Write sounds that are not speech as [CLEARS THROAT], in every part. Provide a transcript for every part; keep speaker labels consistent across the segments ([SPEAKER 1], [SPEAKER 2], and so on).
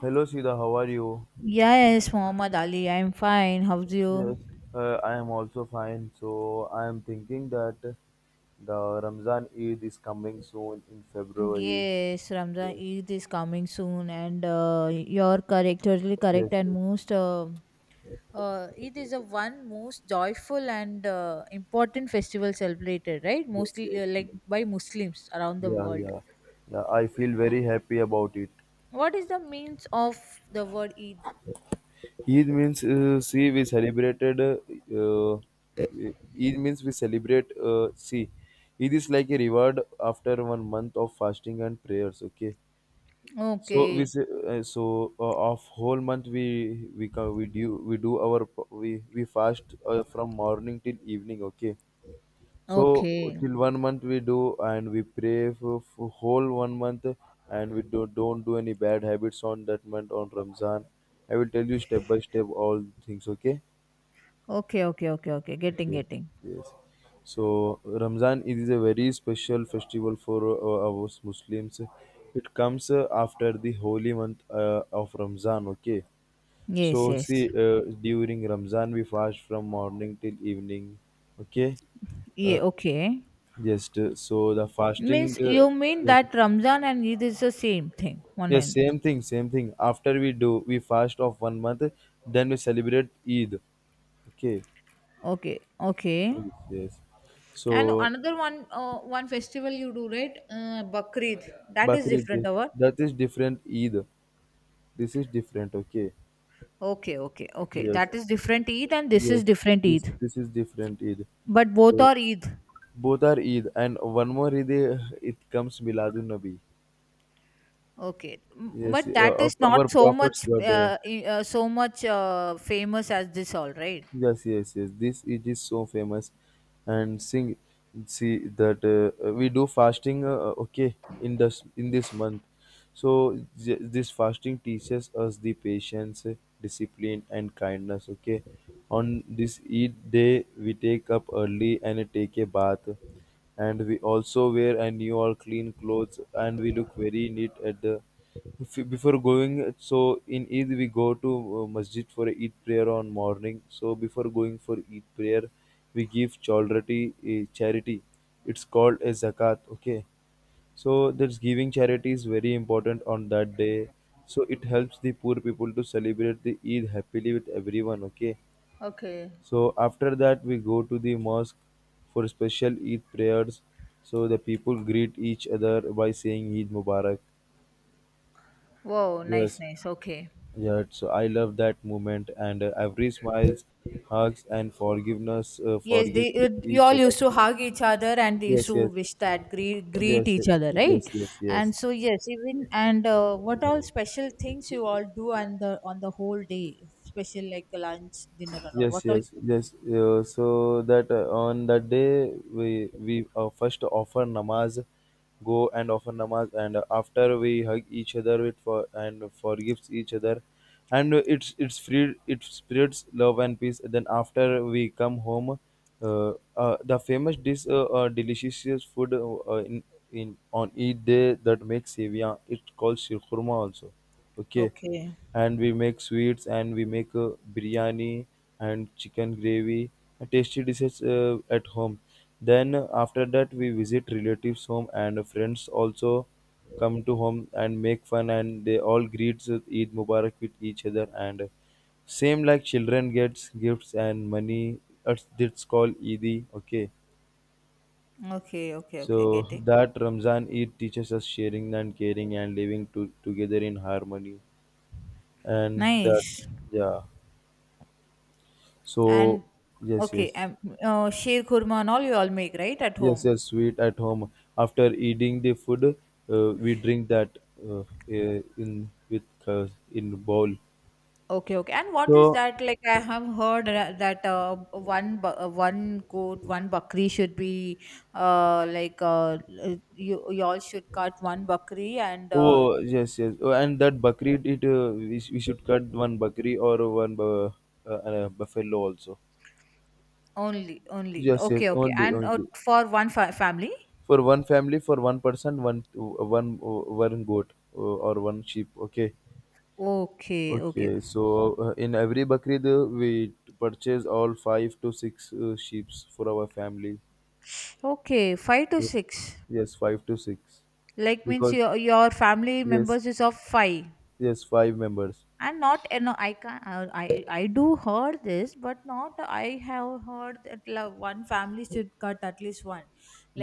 [SPEAKER 1] Hello, Sida. How are you?
[SPEAKER 2] Yes, Muhammad Ali, I'm fine. How's you?
[SPEAKER 1] Yes, I am also fine. So I am thinking that the Ramzan Eid is coming soon in February.
[SPEAKER 2] Yes, Ramzan
[SPEAKER 1] Yes,
[SPEAKER 2] Eid is coming soon, and you're correct, totally
[SPEAKER 1] yes,
[SPEAKER 2] correct, and
[SPEAKER 1] yes,
[SPEAKER 2] most. It is a one most joyful and important festival celebrated, right?
[SPEAKER 1] yes,
[SPEAKER 2] Mostly
[SPEAKER 1] yes, yes.
[SPEAKER 2] like by Muslims around the
[SPEAKER 1] Yeah,
[SPEAKER 2] world.
[SPEAKER 1] yeah, yeah. I feel very happy about it.
[SPEAKER 2] What is the means of the word Eid?
[SPEAKER 1] Eid means, see, we celebrated. E-, Eid means we celebrate. See, Eid is like a reward after one month of fasting and prayers. Okay, so we
[SPEAKER 2] Okay,
[SPEAKER 1] say, of whole month we can we do our p- we fast from morning till evening, okay. So
[SPEAKER 2] okay,
[SPEAKER 1] till one month we do, and we pray for whole one month, and don't do any bad habits on that month, on Ramzan. I will tell you step by step all things, okay.
[SPEAKER 2] okay, okay, okay, okay. Getting,
[SPEAKER 1] Okay.
[SPEAKER 2] getting.
[SPEAKER 1] Yes. So Ramzan Eid is a very special festival for our Muslims. It comes after the holy month of Ramzan. Okay.
[SPEAKER 2] Yes,
[SPEAKER 1] So see,
[SPEAKER 2] yes.
[SPEAKER 1] during Ramzan we fast from morning till evening. Okay. Uh,
[SPEAKER 2] Yeah. Okay.
[SPEAKER 1] yes. So the fasting.
[SPEAKER 2] Means you mean
[SPEAKER 1] Yes,
[SPEAKER 2] that Ramzan and Eid is the same thing, one
[SPEAKER 1] yes.
[SPEAKER 2] end.
[SPEAKER 1] Same thing. Same thing. After we fast of one month. Then we celebrate Eid. Okay.
[SPEAKER 2] Okay, okay.
[SPEAKER 1] Yes, yes.
[SPEAKER 2] And
[SPEAKER 1] So
[SPEAKER 2] another one, one festival you do, right? Bakrid. That is
[SPEAKER 1] Bakrid.
[SPEAKER 2] different,
[SPEAKER 1] Yes.
[SPEAKER 2] or what?
[SPEAKER 1] That is different Eid. This is different, okay?
[SPEAKER 2] Okay, okay, okay.
[SPEAKER 1] Yes,
[SPEAKER 2] That is different Eid and this
[SPEAKER 1] yes.
[SPEAKER 2] is different
[SPEAKER 1] This
[SPEAKER 2] Eid.
[SPEAKER 1] this is different Eid.
[SPEAKER 2] But both
[SPEAKER 1] So
[SPEAKER 2] are Eid.
[SPEAKER 1] both are Eid, and one more Eid, it comes Miladun Nabi.
[SPEAKER 2] Okay.
[SPEAKER 1] Yes,
[SPEAKER 2] But that
[SPEAKER 1] of
[SPEAKER 2] is
[SPEAKER 1] our
[SPEAKER 2] not so
[SPEAKER 1] Prophet's
[SPEAKER 2] much
[SPEAKER 1] birthday.
[SPEAKER 2] so much famous as this all, right?
[SPEAKER 1] Yes, yes, yes. This, it is so famous, and sing, see that, we do fasting. Okay, in this month, so this fasting teaches us the patience, discipline, and kindness. Okay, on this Eid day, we take up early and take a bath, and we also wear a new or clean clothes, and we look very neat at the, before going. So in Eid we go to masjid for Eid prayer on morning. So before going for Eid prayer, we give charity, it's called a zakat, okay. So that's, giving charity is very important on that day, so it helps the poor people to celebrate the Eid happily with everyone, okay.
[SPEAKER 2] Okay.
[SPEAKER 1] So after that we go to the mosque for special Eid prayers. So the people greet each other by saying Eid Mubarak.
[SPEAKER 2] Wow, nice,
[SPEAKER 1] Yes.
[SPEAKER 2] nice. Okay.
[SPEAKER 1] Yeah, so I love that moment, and every smiles, hugs, and
[SPEAKER 2] Yes,
[SPEAKER 1] forgive
[SPEAKER 2] you
[SPEAKER 1] each
[SPEAKER 2] all
[SPEAKER 1] other.
[SPEAKER 2] used to hug each other and they used
[SPEAKER 1] Yes,
[SPEAKER 2] to
[SPEAKER 1] yes,
[SPEAKER 2] wish that greet
[SPEAKER 1] yes, yes,
[SPEAKER 2] each other, right?
[SPEAKER 1] yes, yes, yes.
[SPEAKER 2] And so yes, even and what all special things you all do on the whole day, special like lunch, dinner, and all.
[SPEAKER 1] Yes,
[SPEAKER 2] What all?
[SPEAKER 1] yes, yes, so that on that day we first offer namaz, go and offer namaz, and after, we hug each other with for, and forgives each other. And it's free, it spreads love and peace. Then after we come home, the famous dish, delicious food, in on each day, that makes sevia, it's called shirkurma also, okay.
[SPEAKER 2] Okay,
[SPEAKER 1] And we make sweets, and we make biryani and chicken gravy, tasty dishes at home. Then after that we visit relatives home, and friends also come to home and make fun, and they all greet Eid Mubarak with each other. And same like, children gets gifts and money, it's called eid okay.
[SPEAKER 2] okay, okay, okay.
[SPEAKER 1] So
[SPEAKER 2] Getting
[SPEAKER 1] that Ramzan Eid teaches us sharing and caring and living together in harmony. And that,
[SPEAKER 2] nice
[SPEAKER 1] yeah. So
[SPEAKER 2] and
[SPEAKER 1] yes,
[SPEAKER 2] okay.
[SPEAKER 1] yes,
[SPEAKER 2] Sheer kurma and all you all make right at
[SPEAKER 1] yes,
[SPEAKER 2] home.
[SPEAKER 1] yes. Sweet at home. After eating the food, we drink that, uh, in with in bowl.
[SPEAKER 2] Okay, okay. And what is
[SPEAKER 1] So
[SPEAKER 2] that? Like I have heard that one one goat, one bakri should be like you all should cut one bakri and
[SPEAKER 1] oh yes, yes. Oh, and that bakri, we should cut one bakri or buffalo also.
[SPEAKER 2] only only.
[SPEAKER 1] Yes, yes.
[SPEAKER 2] Okay, okay.
[SPEAKER 1] Only,
[SPEAKER 2] And
[SPEAKER 1] only
[SPEAKER 2] for one family.
[SPEAKER 1] for one family, for one person, one goat or one sheep. Okay.
[SPEAKER 2] Okay, okay,
[SPEAKER 1] Okay, so in every Bakrid, we purchase all 5 to 6 sheeps for our family.
[SPEAKER 2] okay. Five to
[SPEAKER 1] Yes,
[SPEAKER 2] six.
[SPEAKER 1] yes, five to six.
[SPEAKER 2] Like means
[SPEAKER 1] Because
[SPEAKER 2] your family
[SPEAKER 1] yes,
[SPEAKER 2] members is of five.
[SPEAKER 1] yes, 5 members.
[SPEAKER 2] And not, you know, I can I do heard this, but not I have heard that, like, one family should cut at least one,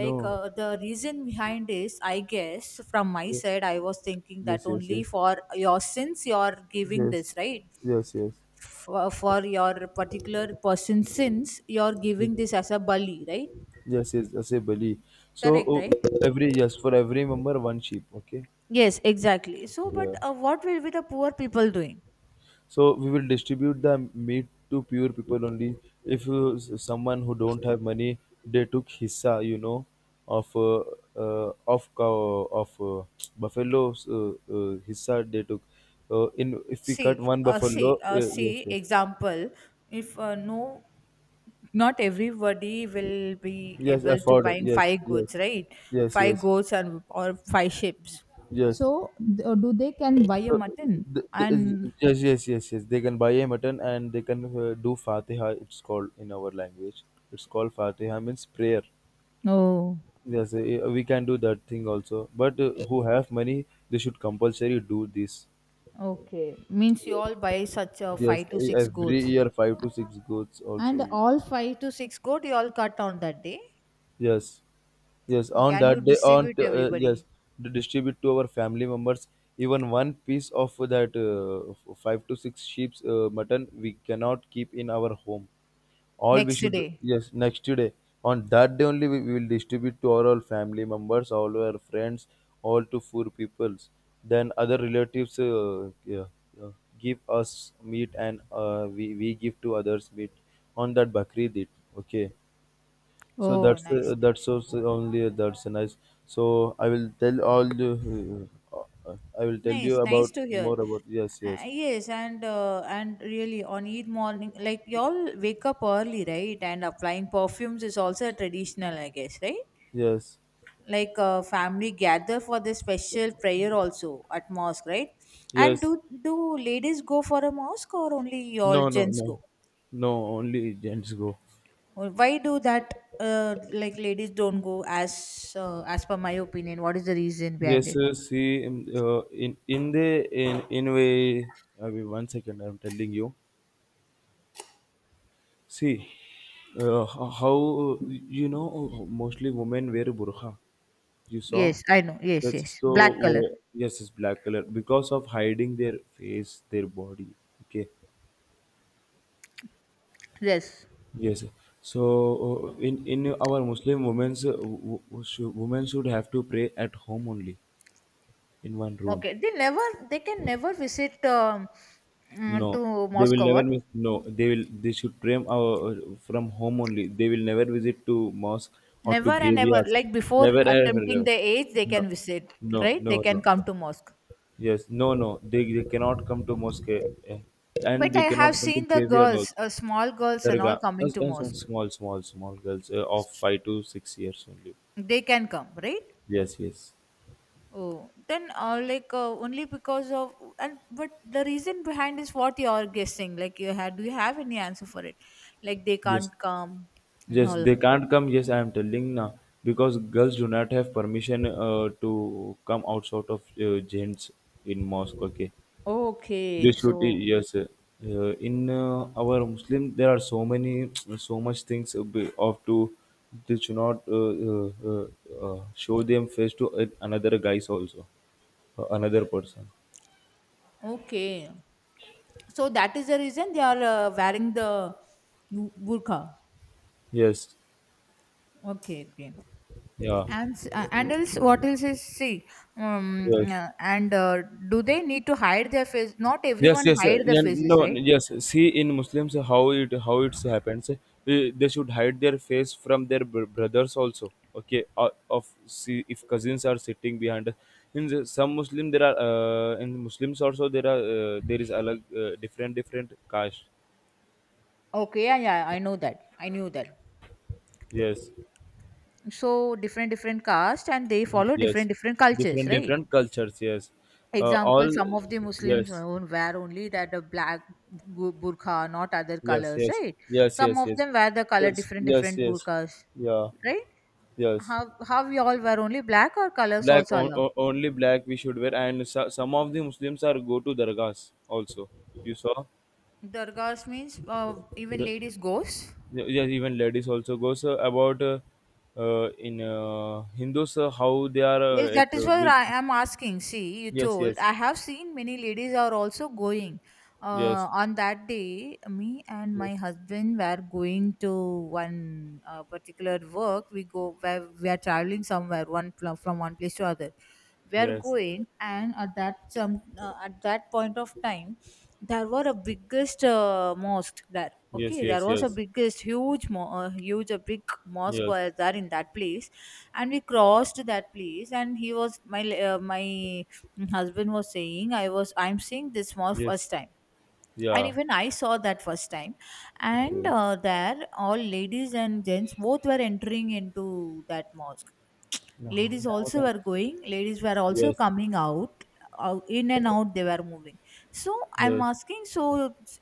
[SPEAKER 2] like the reason behind is I guess from my side I was thinking that
[SPEAKER 1] yes, yes,
[SPEAKER 2] only
[SPEAKER 1] yes, yes,
[SPEAKER 2] for your sins you're giving
[SPEAKER 1] yes,
[SPEAKER 2] this, right?
[SPEAKER 1] yes, yes,
[SPEAKER 2] For your particular person's sins you're
[SPEAKER 1] yes,
[SPEAKER 2] giving this as a bali, right?
[SPEAKER 1] yes, yes, I say Bali. So
[SPEAKER 2] Correct, right?
[SPEAKER 1] every yes, for every member one sheep. Okay.
[SPEAKER 2] Yes, exactly. So
[SPEAKER 1] Yeah.
[SPEAKER 2] but what will be the poor people doing?
[SPEAKER 1] So we will distribute the meat to pure people only. If someone who don't have money, they took hissa, of, cow, of [TSK] buffalo's, hissa they took in, if we cut one buffalo, yes,
[SPEAKER 2] See,
[SPEAKER 1] yes,
[SPEAKER 2] example, if no, not everybody will be
[SPEAKER 1] yes,
[SPEAKER 2] able to
[SPEAKER 1] afford,
[SPEAKER 2] buy
[SPEAKER 1] yes,
[SPEAKER 2] five
[SPEAKER 1] yes,
[SPEAKER 2] goats, right?
[SPEAKER 1] yes,
[SPEAKER 2] Five
[SPEAKER 1] yes,
[SPEAKER 2] goats and or five ships.
[SPEAKER 1] yes.
[SPEAKER 2] Do they can buy a
[SPEAKER 1] So
[SPEAKER 2] mutton? And
[SPEAKER 1] yes, yes, yes, yes, they can buy a mutton, and they can do fatiha, it's called in our language. It's called fatiha, means prayer.
[SPEAKER 2] oh,
[SPEAKER 1] Yes, we can do that thing also. But who have money, they should compulsory do this.
[SPEAKER 2] okay, means you
[SPEAKER 1] Yes.
[SPEAKER 2] all buy such a
[SPEAKER 1] Yes,
[SPEAKER 2] five to six
[SPEAKER 1] every
[SPEAKER 2] goats,
[SPEAKER 1] year 5 to 6 goats
[SPEAKER 2] and
[SPEAKER 1] also.
[SPEAKER 2] all five to six goat you all cut on that day.
[SPEAKER 1] Yes. Yes,
[SPEAKER 2] Okay,
[SPEAKER 1] on
[SPEAKER 2] and you
[SPEAKER 1] that day,
[SPEAKER 2] distribute
[SPEAKER 1] yes,
[SPEAKER 2] everybody
[SPEAKER 1] to distribute to our family members, even one piece of that, 5 to 6 sheep's mutton, we cannot keep in our home. All we
[SPEAKER 2] next
[SPEAKER 1] should,
[SPEAKER 2] day.
[SPEAKER 1] yes, next day. On that day only we, will distribute to all our family members, all our friends, all to 4 peoples. Then other relatives, yeah, yeah, give us meat, and we give to others meat on that bakri did. Okay, so
[SPEAKER 2] Oh,
[SPEAKER 1] that's,
[SPEAKER 2] nice,
[SPEAKER 1] also
[SPEAKER 2] nice.
[SPEAKER 1] only, that's nice. So I will tell
[SPEAKER 2] Nice,
[SPEAKER 1] you
[SPEAKER 2] nice
[SPEAKER 1] about
[SPEAKER 2] to hear.
[SPEAKER 1] more about, yes, yes,
[SPEAKER 2] Yes, and really on Eid morning, like y'all wake up early, right? And applying perfumes is also a traditional, I guess, right?
[SPEAKER 1] yes,
[SPEAKER 2] Like family gather for the special prayer also at mosque, right? And
[SPEAKER 1] yes,
[SPEAKER 2] do ladies go for a mosque or only
[SPEAKER 1] no,
[SPEAKER 2] y'all
[SPEAKER 1] no,
[SPEAKER 2] gents
[SPEAKER 1] no,
[SPEAKER 2] go?
[SPEAKER 1] no, only agents go.
[SPEAKER 2] Why do that? Like ladies don't go as per my opinion. What is the reason
[SPEAKER 1] Yes,
[SPEAKER 2] behind it?
[SPEAKER 1] sir. See, in the in way. I mean, one second. I'm telling you. See, how, you know, mostly women wear burqa. You saw?
[SPEAKER 2] Yes, I know. Yes,
[SPEAKER 1] Yes,
[SPEAKER 2] yes.
[SPEAKER 1] so
[SPEAKER 2] Black color.
[SPEAKER 1] yes, it's black color because of hiding their face, their body. Okay,
[SPEAKER 2] Yes.
[SPEAKER 1] yes. So in our Muslim women's, women should have to pray at home only, in one room.
[SPEAKER 2] Okay, they never, they can never visit
[SPEAKER 1] No,
[SPEAKER 2] to
[SPEAKER 1] they will
[SPEAKER 2] Moscow.
[SPEAKER 1] never
[SPEAKER 2] What?
[SPEAKER 1] miss. No, they will. They should pray from home only. They will never visit to mosque or to
[SPEAKER 2] Never and ever.
[SPEAKER 1] graveyards.
[SPEAKER 2] Like before
[SPEAKER 1] Never, ever,
[SPEAKER 2] attempting
[SPEAKER 1] ever.
[SPEAKER 2] the age, they
[SPEAKER 1] No,
[SPEAKER 2] can visit,
[SPEAKER 1] no,
[SPEAKER 2] right?
[SPEAKER 1] no,
[SPEAKER 2] They can
[SPEAKER 1] no,
[SPEAKER 2] come
[SPEAKER 1] no.
[SPEAKER 2] to Moscow.
[SPEAKER 1] Yes, no, no, they cannot come to mosque, eh, and
[SPEAKER 2] But
[SPEAKER 1] they
[SPEAKER 2] I have
[SPEAKER 1] cannot come to
[SPEAKER 2] seen the
[SPEAKER 1] graveyard also.
[SPEAKER 2] girls, small girls and all
[SPEAKER 1] Dargah,
[SPEAKER 2] coming to mosque.
[SPEAKER 1] as small, small, small girls of 5 to 6 years only.
[SPEAKER 2] They can come, right?
[SPEAKER 1] Yes, yes,
[SPEAKER 2] Oh, then like only because of, and but the reason behind is what you are guessing. Like you had, do you have any answer for it? Like they
[SPEAKER 1] yes,
[SPEAKER 2] can't come and
[SPEAKER 1] yes,
[SPEAKER 2] all.
[SPEAKER 1] they can't come. Yes, I am telling now, because girls do not have permission to come outside of gents in mosque. Okay.
[SPEAKER 2] Okay, so
[SPEAKER 1] Yes. Eh. In our Muslim there are so many, [TSK] so much things, be- of to. They should not show them face to another guys also, another person.
[SPEAKER 2] okay. So that is the reason they are wearing the burqa.
[SPEAKER 1] Yes,
[SPEAKER 2] Okay, okay.
[SPEAKER 1] yeah,
[SPEAKER 2] And and else, what else is see?
[SPEAKER 1] yes.
[SPEAKER 2] And do they need to hide their face? Not
[SPEAKER 1] Yes,
[SPEAKER 2] everyone
[SPEAKER 1] yes,
[SPEAKER 2] hide their
[SPEAKER 1] yeah, no,
[SPEAKER 2] faces, right?
[SPEAKER 1] yes. See, in Muslims, how it's happens, they should hide their face from their brothers also, okay. Of See, if cousins are sitting behind us. Some Muslim, there are, in Muslims also there are, there is alag, different different caste.
[SPEAKER 2] Okay, yeah, yeah, I know that. I knew that.
[SPEAKER 1] Yes,
[SPEAKER 2] So different different caste and they follow
[SPEAKER 1] yes,
[SPEAKER 2] different different cultures,
[SPEAKER 1] different
[SPEAKER 2] right?
[SPEAKER 1] different cultures. Yes.
[SPEAKER 2] Example,
[SPEAKER 1] All.
[SPEAKER 2] some of the Muslims
[SPEAKER 1] Yes,
[SPEAKER 2] wear only that a black burqa, not other
[SPEAKER 1] yes,
[SPEAKER 2] colors,
[SPEAKER 1] yes,
[SPEAKER 2] right?
[SPEAKER 1] yes,
[SPEAKER 2] Some
[SPEAKER 1] yes,
[SPEAKER 2] of
[SPEAKER 1] yes,
[SPEAKER 2] them wear the color
[SPEAKER 1] yes,
[SPEAKER 2] different
[SPEAKER 1] yes,
[SPEAKER 2] different
[SPEAKER 1] yes,
[SPEAKER 2] burqas,
[SPEAKER 1] yeah.
[SPEAKER 2] right?
[SPEAKER 1] Yes.
[SPEAKER 2] How we all wear only black or colors
[SPEAKER 1] Black,
[SPEAKER 2] also allowed?
[SPEAKER 1] only black we should wear. And so, some of the Muslims are go to dargahs also. You saw?
[SPEAKER 2] Dargahs means even
[SPEAKER 1] The,
[SPEAKER 2] ladies goes.
[SPEAKER 1] yeah, even ladies also goes, about in Hindus, how they are,
[SPEAKER 2] Yes,
[SPEAKER 1] like,
[SPEAKER 2] that is what
[SPEAKER 1] big.
[SPEAKER 2] I am asking. See, you
[SPEAKER 1] Yes,
[SPEAKER 2] told
[SPEAKER 1] yes,
[SPEAKER 2] I have seen many ladies are also going.
[SPEAKER 1] yes,
[SPEAKER 2] On that day, me and my
[SPEAKER 1] yes,
[SPEAKER 2] husband were going to one particular work. We go where we are traveling somewhere one from one place to other. We are
[SPEAKER 1] yes,
[SPEAKER 2] going, and at that some at that point of time, there were a biggest mosque there.
[SPEAKER 1] yes,
[SPEAKER 2] Okay, there
[SPEAKER 1] yes,
[SPEAKER 2] was a
[SPEAKER 1] yes,
[SPEAKER 2] biggest huge, huge, a big mosque
[SPEAKER 1] yes,
[SPEAKER 2] was there in that place, and we crossed that place, and he was my husband was saying, I was, I'm seeing this mall
[SPEAKER 1] yes,
[SPEAKER 2] first time, and
[SPEAKER 1] yeah,
[SPEAKER 2] even I saw that first time. And
[SPEAKER 1] okay,
[SPEAKER 2] there all ladies and gents both were entering into that mosque.
[SPEAKER 1] no.
[SPEAKER 2] Ladies
[SPEAKER 1] Now what
[SPEAKER 2] also
[SPEAKER 1] I'm-
[SPEAKER 2] were going, ladies were also
[SPEAKER 1] yes,
[SPEAKER 2] coming out, in and out they were moving. So I'm
[SPEAKER 1] yes.
[SPEAKER 2] asking, so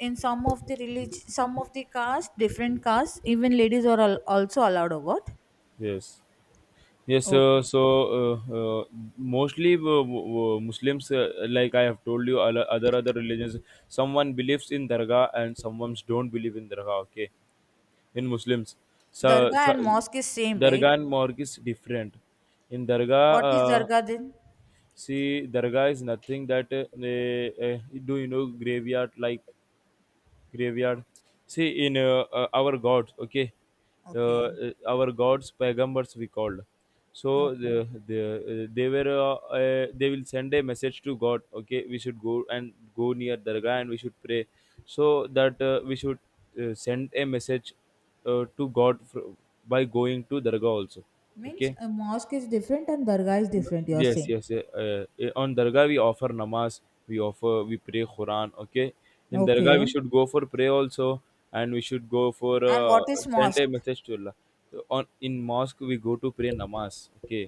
[SPEAKER 2] in some of the religion, some of the caste, different castes, even ladies are also allowed or what?
[SPEAKER 1] Yes. Yes,
[SPEAKER 2] Okay.
[SPEAKER 1] mostly, Muslims, like I have told you, other religions, someone believes in dargah and someone don't believe in dargah. Okay, in Muslims,
[SPEAKER 2] Dargah
[SPEAKER 1] so
[SPEAKER 2] and mosque is same,
[SPEAKER 1] Dargah
[SPEAKER 2] right?
[SPEAKER 1] and morgue is different. In Dargah,
[SPEAKER 2] What is dargah then?
[SPEAKER 1] see, Dargah is nothing that, do you know graveyard, like, graveyard. See, in our gods, okay,
[SPEAKER 2] Okay.
[SPEAKER 1] our gods, pagambars we called. So
[SPEAKER 2] Okay.
[SPEAKER 1] they will send a message to God. Okay, we should go and go near Dargah, and we should pray, so that we should send a message to God, by going to Dargah also.
[SPEAKER 2] Means
[SPEAKER 1] Okay,
[SPEAKER 2] a mosque is different and dargah is different, you're
[SPEAKER 1] yes,
[SPEAKER 2] saying.
[SPEAKER 1] yes, yeah, on Dargah we offer namaz. We pray Quran, okay. In Dargah we
[SPEAKER 2] Okay.
[SPEAKER 1] should go for prayer also, and we should go for,
[SPEAKER 2] And what is
[SPEAKER 1] send
[SPEAKER 2] mosque?
[SPEAKER 1] a message to Allah. So on in mosque we go to pray namaz, okay.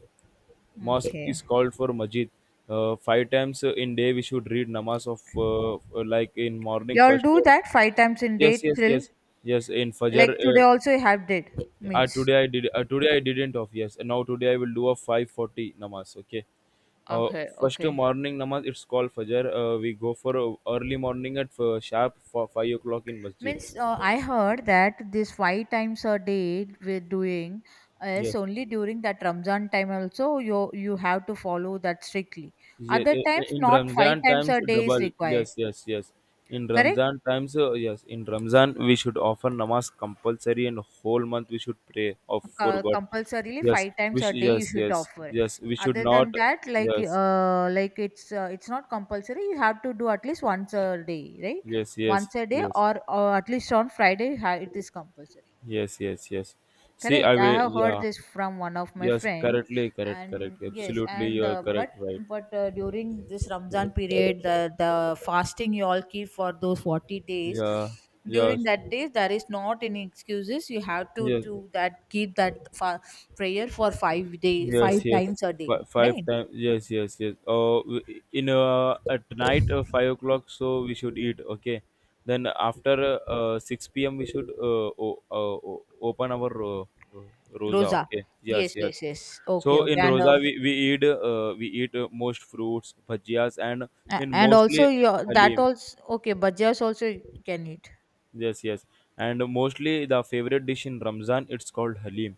[SPEAKER 1] Mosque is
[SPEAKER 2] Okay.
[SPEAKER 1] called for masjid. 5 times in day we should read namaz of, uh, like, in morning
[SPEAKER 2] Y'all
[SPEAKER 1] first.
[SPEAKER 2] do that five times in
[SPEAKER 1] Yes,
[SPEAKER 2] day
[SPEAKER 1] yes,
[SPEAKER 2] till
[SPEAKER 1] yes, yes, in fajr,
[SPEAKER 2] like today also you have did means.
[SPEAKER 1] today I did. Today I didn't of yes. And now today I will do a 5:40 namaz. Okay. Uh,
[SPEAKER 2] Okay,
[SPEAKER 1] First
[SPEAKER 2] okay.
[SPEAKER 1] morning namaz, it's called fajr. We go for early morning, at sharp, for 5 o'clock in masjid.
[SPEAKER 2] Means I heard that this five times a day we're doing is
[SPEAKER 1] Yes.
[SPEAKER 2] only during that Ramzan time also you have to follow that strictly.
[SPEAKER 1] Yes.
[SPEAKER 2] Other times
[SPEAKER 1] In
[SPEAKER 2] not five
[SPEAKER 1] Ramzan
[SPEAKER 2] times
[SPEAKER 1] times
[SPEAKER 2] a day is
[SPEAKER 1] double.
[SPEAKER 2] required.
[SPEAKER 1] Yes. Yes. Yes. In
[SPEAKER 2] Correct.
[SPEAKER 1] Ramzan times, yes. In Ramzan we should offer namaz compulsory, and whole month we should pray of for God.
[SPEAKER 2] Compulsorily
[SPEAKER 1] Yes.
[SPEAKER 2] five times
[SPEAKER 1] Which
[SPEAKER 2] a day you
[SPEAKER 1] Yes,
[SPEAKER 2] should
[SPEAKER 1] yes,
[SPEAKER 2] offer.
[SPEAKER 1] yes, we should
[SPEAKER 2] Other than
[SPEAKER 1] not.
[SPEAKER 2] that, like
[SPEAKER 1] Yes,
[SPEAKER 2] it's not compulsory, you have to do at least once a day, right?
[SPEAKER 1] yes, yes,
[SPEAKER 2] Once a day,
[SPEAKER 1] yes.
[SPEAKER 2] or at least on Friday you it is compulsory.
[SPEAKER 1] Yes, yes, yes. See,
[SPEAKER 2] Correct.
[SPEAKER 1] I
[SPEAKER 2] I
[SPEAKER 1] will.
[SPEAKER 2] have heard
[SPEAKER 1] Yeah,
[SPEAKER 2] this from one of my
[SPEAKER 1] yes,
[SPEAKER 2] friend,
[SPEAKER 1] correctly, correct,
[SPEAKER 2] and
[SPEAKER 1] correct.
[SPEAKER 2] yes,
[SPEAKER 1] Absolutely,
[SPEAKER 2] and
[SPEAKER 1] you're
[SPEAKER 2] but
[SPEAKER 1] correct, right?
[SPEAKER 2] but during this Ramzan period, the fasting you all keep for those 40 days.
[SPEAKER 1] Yeah,
[SPEAKER 2] During
[SPEAKER 1] yes,
[SPEAKER 2] that day, there is not any excuses. You have to
[SPEAKER 1] yes,
[SPEAKER 2] do that, keep that prayer for 5 day, five
[SPEAKER 1] yes, yes.
[SPEAKER 2] times a day,
[SPEAKER 1] Five, five
[SPEAKER 2] right?
[SPEAKER 1] times. Yes, yes, yes. In at night 5 o'clock, so we should eat. Okay, then after 6 p.m. we should open our rosa.
[SPEAKER 2] Rosa.
[SPEAKER 1] Okay. Yes,
[SPEAKER 2] Yes,
[SPEAKER 1] yes.
[SPEAKER 2] yes, yes. Okay,
[SPEAKER 1] So
[SPEAKER 2] okay,
[SPEAKER 1] in
[SPEAKER 2] and
[SPEAKER 1] roza we eat most fruits, bhajias, and in
[SPEAKER 2] and
[SPEAKER 1] mostly
[SPEAKER 2] also your that
[SPEAKER 1] halim.
[SPEAKER 2] also okay, bhajias also you can eat.
[SPEAKER 1] Yes, yes. And mostly the favorite dish in Ramzan, it's called Halim.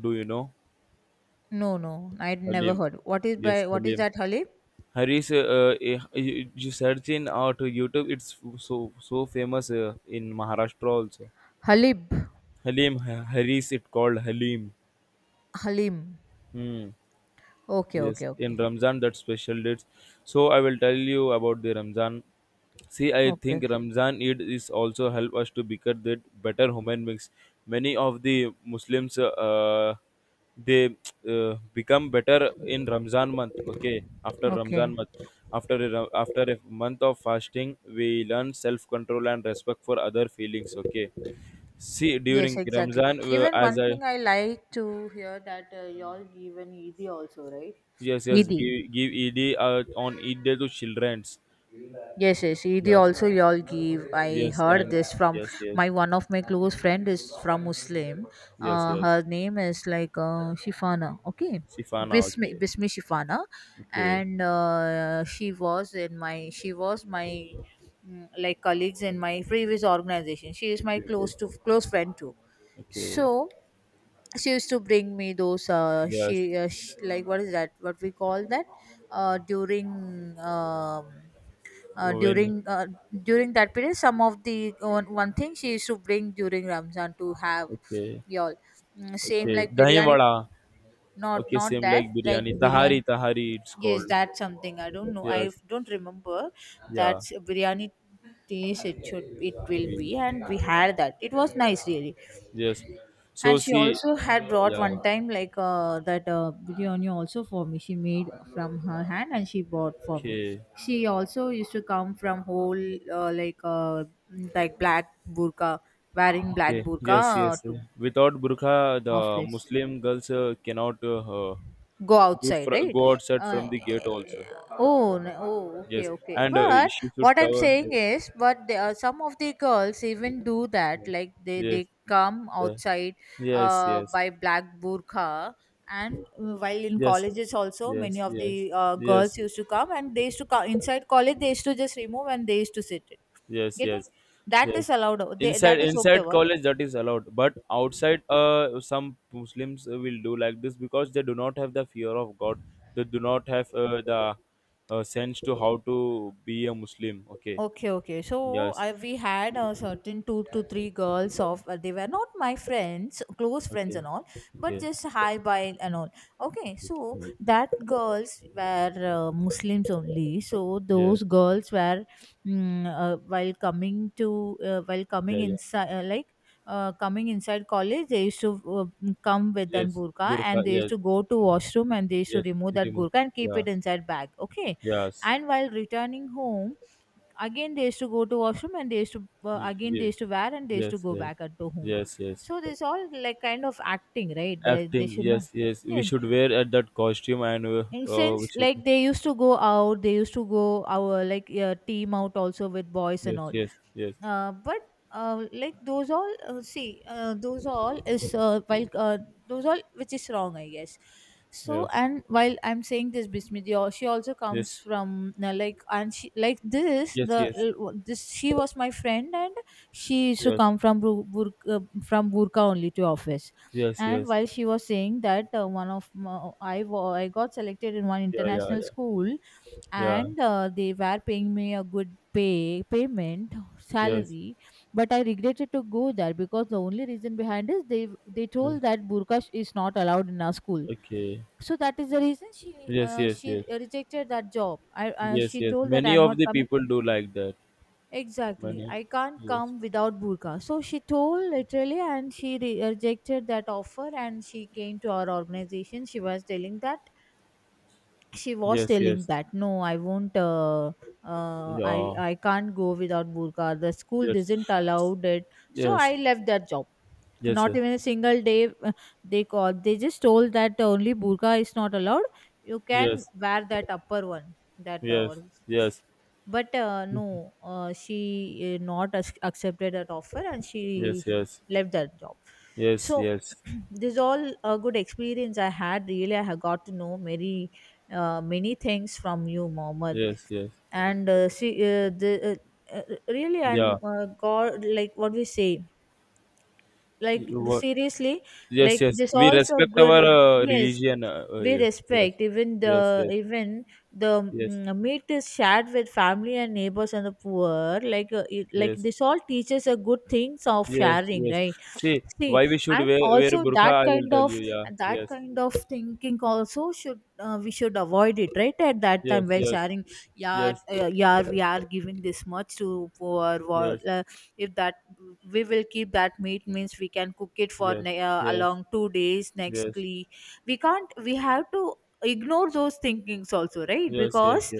[SPEAKER 1] Do you know?
[SPEAKER 2] No, no, I never
[SPEAKER 1] Halim.
[SPEAKER 2] heard. What is
[SPEAKER 1] Yes,
[SPEAKER 2] by what is
[SPEAKER 1] Halim.
[SPEAKER 2] that, Halib?
[SPEAKER 1] You search in or YouTube. It's so famous in Maharashtra also.
[SPEAKER 2] Halib.
[SPEAKER 1] Halim, Haris, it called Halim.
[SPEAKER 2] Halim.
[SPEAKER 1] Hmm.
[SPEAKER 2] Okay,
[SPEAKER 1] Yes,
[SPEAKER 2] okay,
[SPEAKER 1] in
[SPEAKER 2] okay.
[SPEAKER 1] Ramzan that special dates. So I will tell you about the Ramzan. See, I
[SPEAKER 2] Okay,
[SPEAKER 1] think
[SPEAKER 2] okay.
[SPEAKER 1] Ramzan Eid is also help us to become that better human beings. Many of the Muslims they become better in Ramzan month. Okay, after Ramzan
[SPEAKER 2] Okay.
[SPEAKER 1] month, after a month of fasting, we learn self control and respect for other feelings. Okay, see
[SPEAKER 2] Yes,
[SPEAKER 1] during
[SPEAKER 2] exactly.
[SPEAKER 1] Ramzan
[SPEAKER 2] Even
[SPEAKER 1] as
[SPEAKER 2] one
[SPEAKER 1] I
[SPEAKER 2] thing I like to hear that y'all give an Eid also, right?
[SPEAKER 1] yes, yes,
[SPEAKER 2] Eid.
[SPEAKER 1] give Eid on Eid day to childrens.
[SPEAKER 2] Yes, yes. Eid
[SPEAKER 1] Yes,
[SPEAKER 2] also y'all give. I
[SPEAKER 1] yes,
[SPEAKER 2] heard
[SPEAKER 1] and
[SPEAKER 2] this from
[SPEAKER 1] yes, yes,
[SPEAKER 2] my one of my close friend is from Muslim.
[SPEAKER 1] yes, yes.
[SPEAKER 2] Her name is like Shifana. Okay,
[SPEAKER 1] She found out.
[SPEAKER 2] Bismi
[SPEAKER 1] Okay,
[SPEAKER 2] Bismi Shifana,
[SPEAKER 1] okay,
[SPEAKER 2] and she was in my, she was my like colleagues in my previous organization. She is my
[SPEAKER 1] okay, okay,
[SPEAKER 2] close to close friend too.
[SPEAKER 1] okay.
[SPEAKER 2] So she used to bring me those
[SPEAKER 1] Yes,
[SPEAKER 2] she, sh like what is that? What we call that? Uh, during um uh,
[SPEAKER 1] when
[SPEAKER 2] during uh, during that period some of the one, one thing she used to bring during ramzan to have
[SPEAKER 1] okay,
[SPEAKER 2] y'all. Mm, same
[SPEAKER 1] okay.
[SPEAKER 2] like
[SPEAKER 1] Dahi
[SPEAKER 2] biryani.
[SPEAKER 1] vada. Okay,
[SPEAKER 2] Not
[SPEAKER 1] same
[SPEAKER 2] that
[SPEAKER 1] like
[SPEAKER 2] like
[SPEAKER 1] biryani.
[SPEAKER 2] biryani,
[SPEAKER 1] Tahari, tahari. It's
[SPEAKER 2] yes,
[SPEAKER 1] called.
[SPEAKER 2] that's something I don't know, I
[SPEAKER 1] Yes,
[SPEAKER 2] don't remember.
[SPEAKER 1] yeah,
[SPEAKER 2] That's biryani taste it should, it will
[SPEAKER 1] ye-
[SPEAKER 2] be, and we had that, it was nice really.
[SPEAKER 1] yes. So
[SPEAKER 2] And she
[SPEAKER 1] see,
[SPEAKER 2] also had brought one
[SPEAKER 1] yeah.
[SPEAKER 2] time like that biryani also for me. She made from her hand and she bought for me.
[SPEAKER 1] Okay,
[SPEAKER 2] She also used to come from whole uh, like uh, like black burqa, wearing black
[SPEAKER 1] okay.
[SPEAKER 2] burqa
[SPEAKER 1] Yes, yes. Eh.
[SPEAKER 2] to
[SPEAKER 1] Without burqa, the
[SPEAKER 2] office,
[SPEAKER 1] Muslim girls cannot
[SPEAKER 2] go outside, right?
[SPEAKER 1] go outside from
[SPEAKER 2] Uh,
[SPEAKER 1] the gate also.
[SPEAKER 2] oh, no, oh, okay,
[SPEAKER 1] Yes,
[SPEAKER 2] okay.
[SPEAKER 1] and
[SPEAKER 2] But
[SPEAKER 1] she should
[SPEAKER 2] what I'm
[SPEAKER 1] cover.
[SPEAKER 2] saying is, but there are some of the girls even do that.
[SPEAKER 1] Yeah.
[SPEAKER 2] Like they
[SPEAKER 1] Yes,
[SPEAKER 2] they come
[SPEAKER 1] yeah,
[SPEAKER 2] outside,
[SPEAKER 1] yes, yes,
[SPEAKER 2] by black burqa, and while in
[SPEAKER 1] yes,
[SPEAKER 2] colleges also, many
[SPEAKER 1] yes,
[SPEAKER 2] of the
[SPEAKER 1] yes,
[SPEAKER 2] girls
[SPEAKER 1] yes,
[SPEAKER 2] used to come, and they used to come inside college. They used to just remove and they used to sit it.
[SPEAKER 1] yes,
[SPEAKER 2] Getting
[SPEAKER 1] yes,
[SPEAKER 2] that
[SPEAKER 1] yes.
[SPEAKER 2] is allowed. They,
[SPEAKER 1] Inside
[SPEAKER 2] that is okay.
[SPEAKER 1] inside college that is allowed, but outside, some Muslims will do like this because they do not have the fear of God. They do not have the sense to how to be a Muslim. Okay.
[SPEAKER 2] Okay, okay. So
[SPEAKER 1] Yes.
[SPEAKER 2] I, we had a certain two to three girls of they were not my friends, close friends
[SPEAKER 1] Okay.
[SPEAKER 2] and all, but
[SPEAKER 1] Okay.
[SPEAKER 2] just hi bye and all. Okay,
[SPEAKER 1] Okay.
[SPEAKER 2] so that girls were Muslims only. So
[SPEAKER 1] Yeah.
[SPEAKER 2] those girls were while coming to while
[SPEAKER 1] Yeah.
[SPEAKER 2] coming
[SPEAKER 1] Yeah.
[SPEAKER 2] inside like. Coming inside college, they used to come with that
[SPEAKER 1] Yes.
[SPEAKER 2] burqa
[SPEAKER 1] Burqa.
[SPEAKER 2] and they used
[SPEAKER 1] Yes.
[SPEAKER 2] to go to washroom and they used to
[SPEAKER 1] Yes.
[SPEAKER 2] remove that
[SPEAKER 1] Remove.
[SPEAKER 2] burqa and keep
[SPEAKER 1] Yeah.
[SPEAKER 2] it inside bag. Okay,
[SPEAKER 1] Yes.
[SPEAKER 2] and while returning home, again they used to go to washroom and they used to again they
[SPEAKER 1] Yes.
[SPEAKER 2] used to wear and they used to
[SPEAKER 1] Yes,
[SPEAKER 2] go
[SPEAKER 1] yes,
[SPEAKER 2] back at to home.
[SPEAKER 1] yes, yes.
[SPEAKER 2] So this all like kind of acting, right? They
[SPEAKER 1] Acting,
[SPEAKER 2] should know.
[SPEAKER 1] yes, yes. We
[SPEAKER 2] Yeah.
[SPEAKER 1] should wear at that costume, and
[SPEAKER 2] And
[SPEAKER 1] we
[SPEAKER 2] since
[SPEAKER 1] should.
[SPEAKER 2] like they used to go out, they used to go our like team out also with boys and
[SPEAKER 1] Yes,
[SPEAKER 2] all.
[SPEAKER 1] yes, yes,
[SPEAKER 2] Uh, but like those all see those all is while Those all which is wrong, I guess. So
[SPEAKER 1] yes,
[SPEAKER 2] and while I'm saying this, Bismiti, she also comes
[SPEAKER 1] yes,
[SPEAKER 2] from like, and she like this the
[SPEAKER 1] yes,
[SPEAKER 2] this she was my friend. And she used
[SPEAKER 1] yes,
[SPEAKER 2] to
[SPEAKER 1] yes,
[SPEAKER 2] come from from burka only to office.
[SPEAKER 1] yes,
[SPEAKER 2] And
[SPEAKER 1] yes.
[SPEAKER 2] while she was saying that one of my, I got selected in one
[SPEAKER 1] Yeah, yeah,
[SPEAKER 2] international
[SPEAKER 1] yeah,
[SPEAKER 2] school,
[SPEAKER 1] yeah.
[SPEAKER 2] and they were paying me a good payment,
[SPEAKER 1] Yes.
[SPEAKER 2] salary, but I regretted to go there because the only reason behind is they
[SPEAKER 1] Yes.
[SPEAKER 2] told that burqa is not allowed in our school.
[SPEAKER 1] Okay.
[SPEAKER 2] So that is the reason
[SPEAKER 1] Yes, yes, yes,
[SPEAKER 2] she rejected that job. I
[SPEAKER 1] yes,
[SPEAKER 2] She
[SPEAKER 1] yes.
[SPEAKER 2] told that
[SPEAKER 1] Many
[SPEAKER 2] I'm
[SPEAKER 1] of
[SPEAKER 2] not
[SPEAKER 1] the
[SPEAKER 2] coming.
[SPEAKER 1] people do like that.
[SPEAKER 2] Exactly,
[SPEAKER 1] Many.
[SPEAKER 2] I can't
[SPEAKER 1] Yes,
[SPEAKER 2] come without burqa. So she told literally, and she rejected that offer, and she came to our organization. She was
[SPEAKER 1] yes,
[SPEAKER 2] telling
[SPEAKER 1] yes.
[SPEAKER 2] that no, I won't,
[SPEAKER 1] Yeah.
[SPEAKER 2] I can't go without burqa, the school
[SPEAKER 1] Yes,
[SPEAKER 2] doesn't allow it. So I
[SPEAKER 1] yes,
[SPEAKER 2] left that job,
[SPEAKER 1] yes,
[SPEAKER 2] not
[SPEAKER 1] sir.
[SPEAKER 2] even a single day. They called, they just told that only burqa is not allowed, you can
[SPEAKER 1] Yes,
[SPEAKER 2] wear that upper one, that
[SPEAKER 1] yes, yes, yes,
[SPEAKER 2] but she not ac- accepted that offer, and she
[SPEAKER 1] yes,
[SPEAKER 2] left that job.
[SPEAKER 1] yes,
[SPEAKER 2] So
[SPEAKER 1] yes,
[SPEAKER 2] [CLEARS THROAT] this is all a good experience I had. Really, I have got to know many many things from you, Mohammed.
[SPEAKER 1] yes, yes.
[SPEAKER 2] And see, the uh, uh, really,
[SPEAKER 1] Yeah.
[SPEAKER 2] and God, like what we say, like
[SPEAKER 1] You what?
[SPEAKER 2] seriously,
[SPEAKER 1] Yes,
[SPEAKER 2] like
[SPEAKER 1] yes.
[SPEAKER 2] this
[SPEAKER 1] We
[SPEAKER 2] also
[SPEAKER 1] respect
[SPEAKER 2] good.
[SPEAKER 1] our
[SPEAKER 2] Yes,
[SPEAKER 1] religion.
[SPEAKER 2] we
[SPEAKER 1] Yes,
[SPEAKER 2] respect even,
[SPEAKER 1] yes,
[SPEAKER 2] the
[SPEAKER 1] yes,
[SPEAKER 2] even the
[SPEAKER 1] yes,
[SPEAKER 2] meat is shared with family and neighbors and the poor. Like like
[SPEAKER 1] yes,
[SPEAKER 2] this all teaches a good things of
[SPEAKER 1] yes,
[SPEAKER 2] sharing,
[SPEAKER 1] yes.
[SPEAKER 2] right?
[SPEAKER 1] See,
[SPEAKER 2] See,
[SPEAKER 1] why we should
[SPEAKER 2] and
[SPEAKER 1] wear
[SPEAKER 2] also
[SPEAKER 1] burqa?
[SPEAKER 2] that
[SPEAKER 1] I will
[SPEAKER 2] kind
[SPEAKER 1] tell
[SPEAKER 2] of,
[SPEAKER 1] you. Yeah.
[SPEAKER 2] that
[SPEAKER 1] Yes.
[SPEAKER 2] kind of thinking also should, we should avoid it right at that time
[SPEAKER 1] Yes.
[SPEAKER 2] while
[SPEAKER 1] Yes.
[SPEAKER 2] sharing. Yeah,
[SPEAKER 1] Yes.
[SPEAKER 2] yeah, we are giving this much to poor.
[SPEAKER 1] Yes.
[SPEAKER 2] If that, we will keep that meat means we can cook it for
[SPEAKER 1] Yes. Yes.
[SPEAKER 2] along 2 days
[SPEAKER 1] Yes.
[SPEAKER 2] nextly. We can't, we have to ignore those thinkings also, right?
[SPEAKER 1] Yes. Yes.
[SPEAKER 2] Because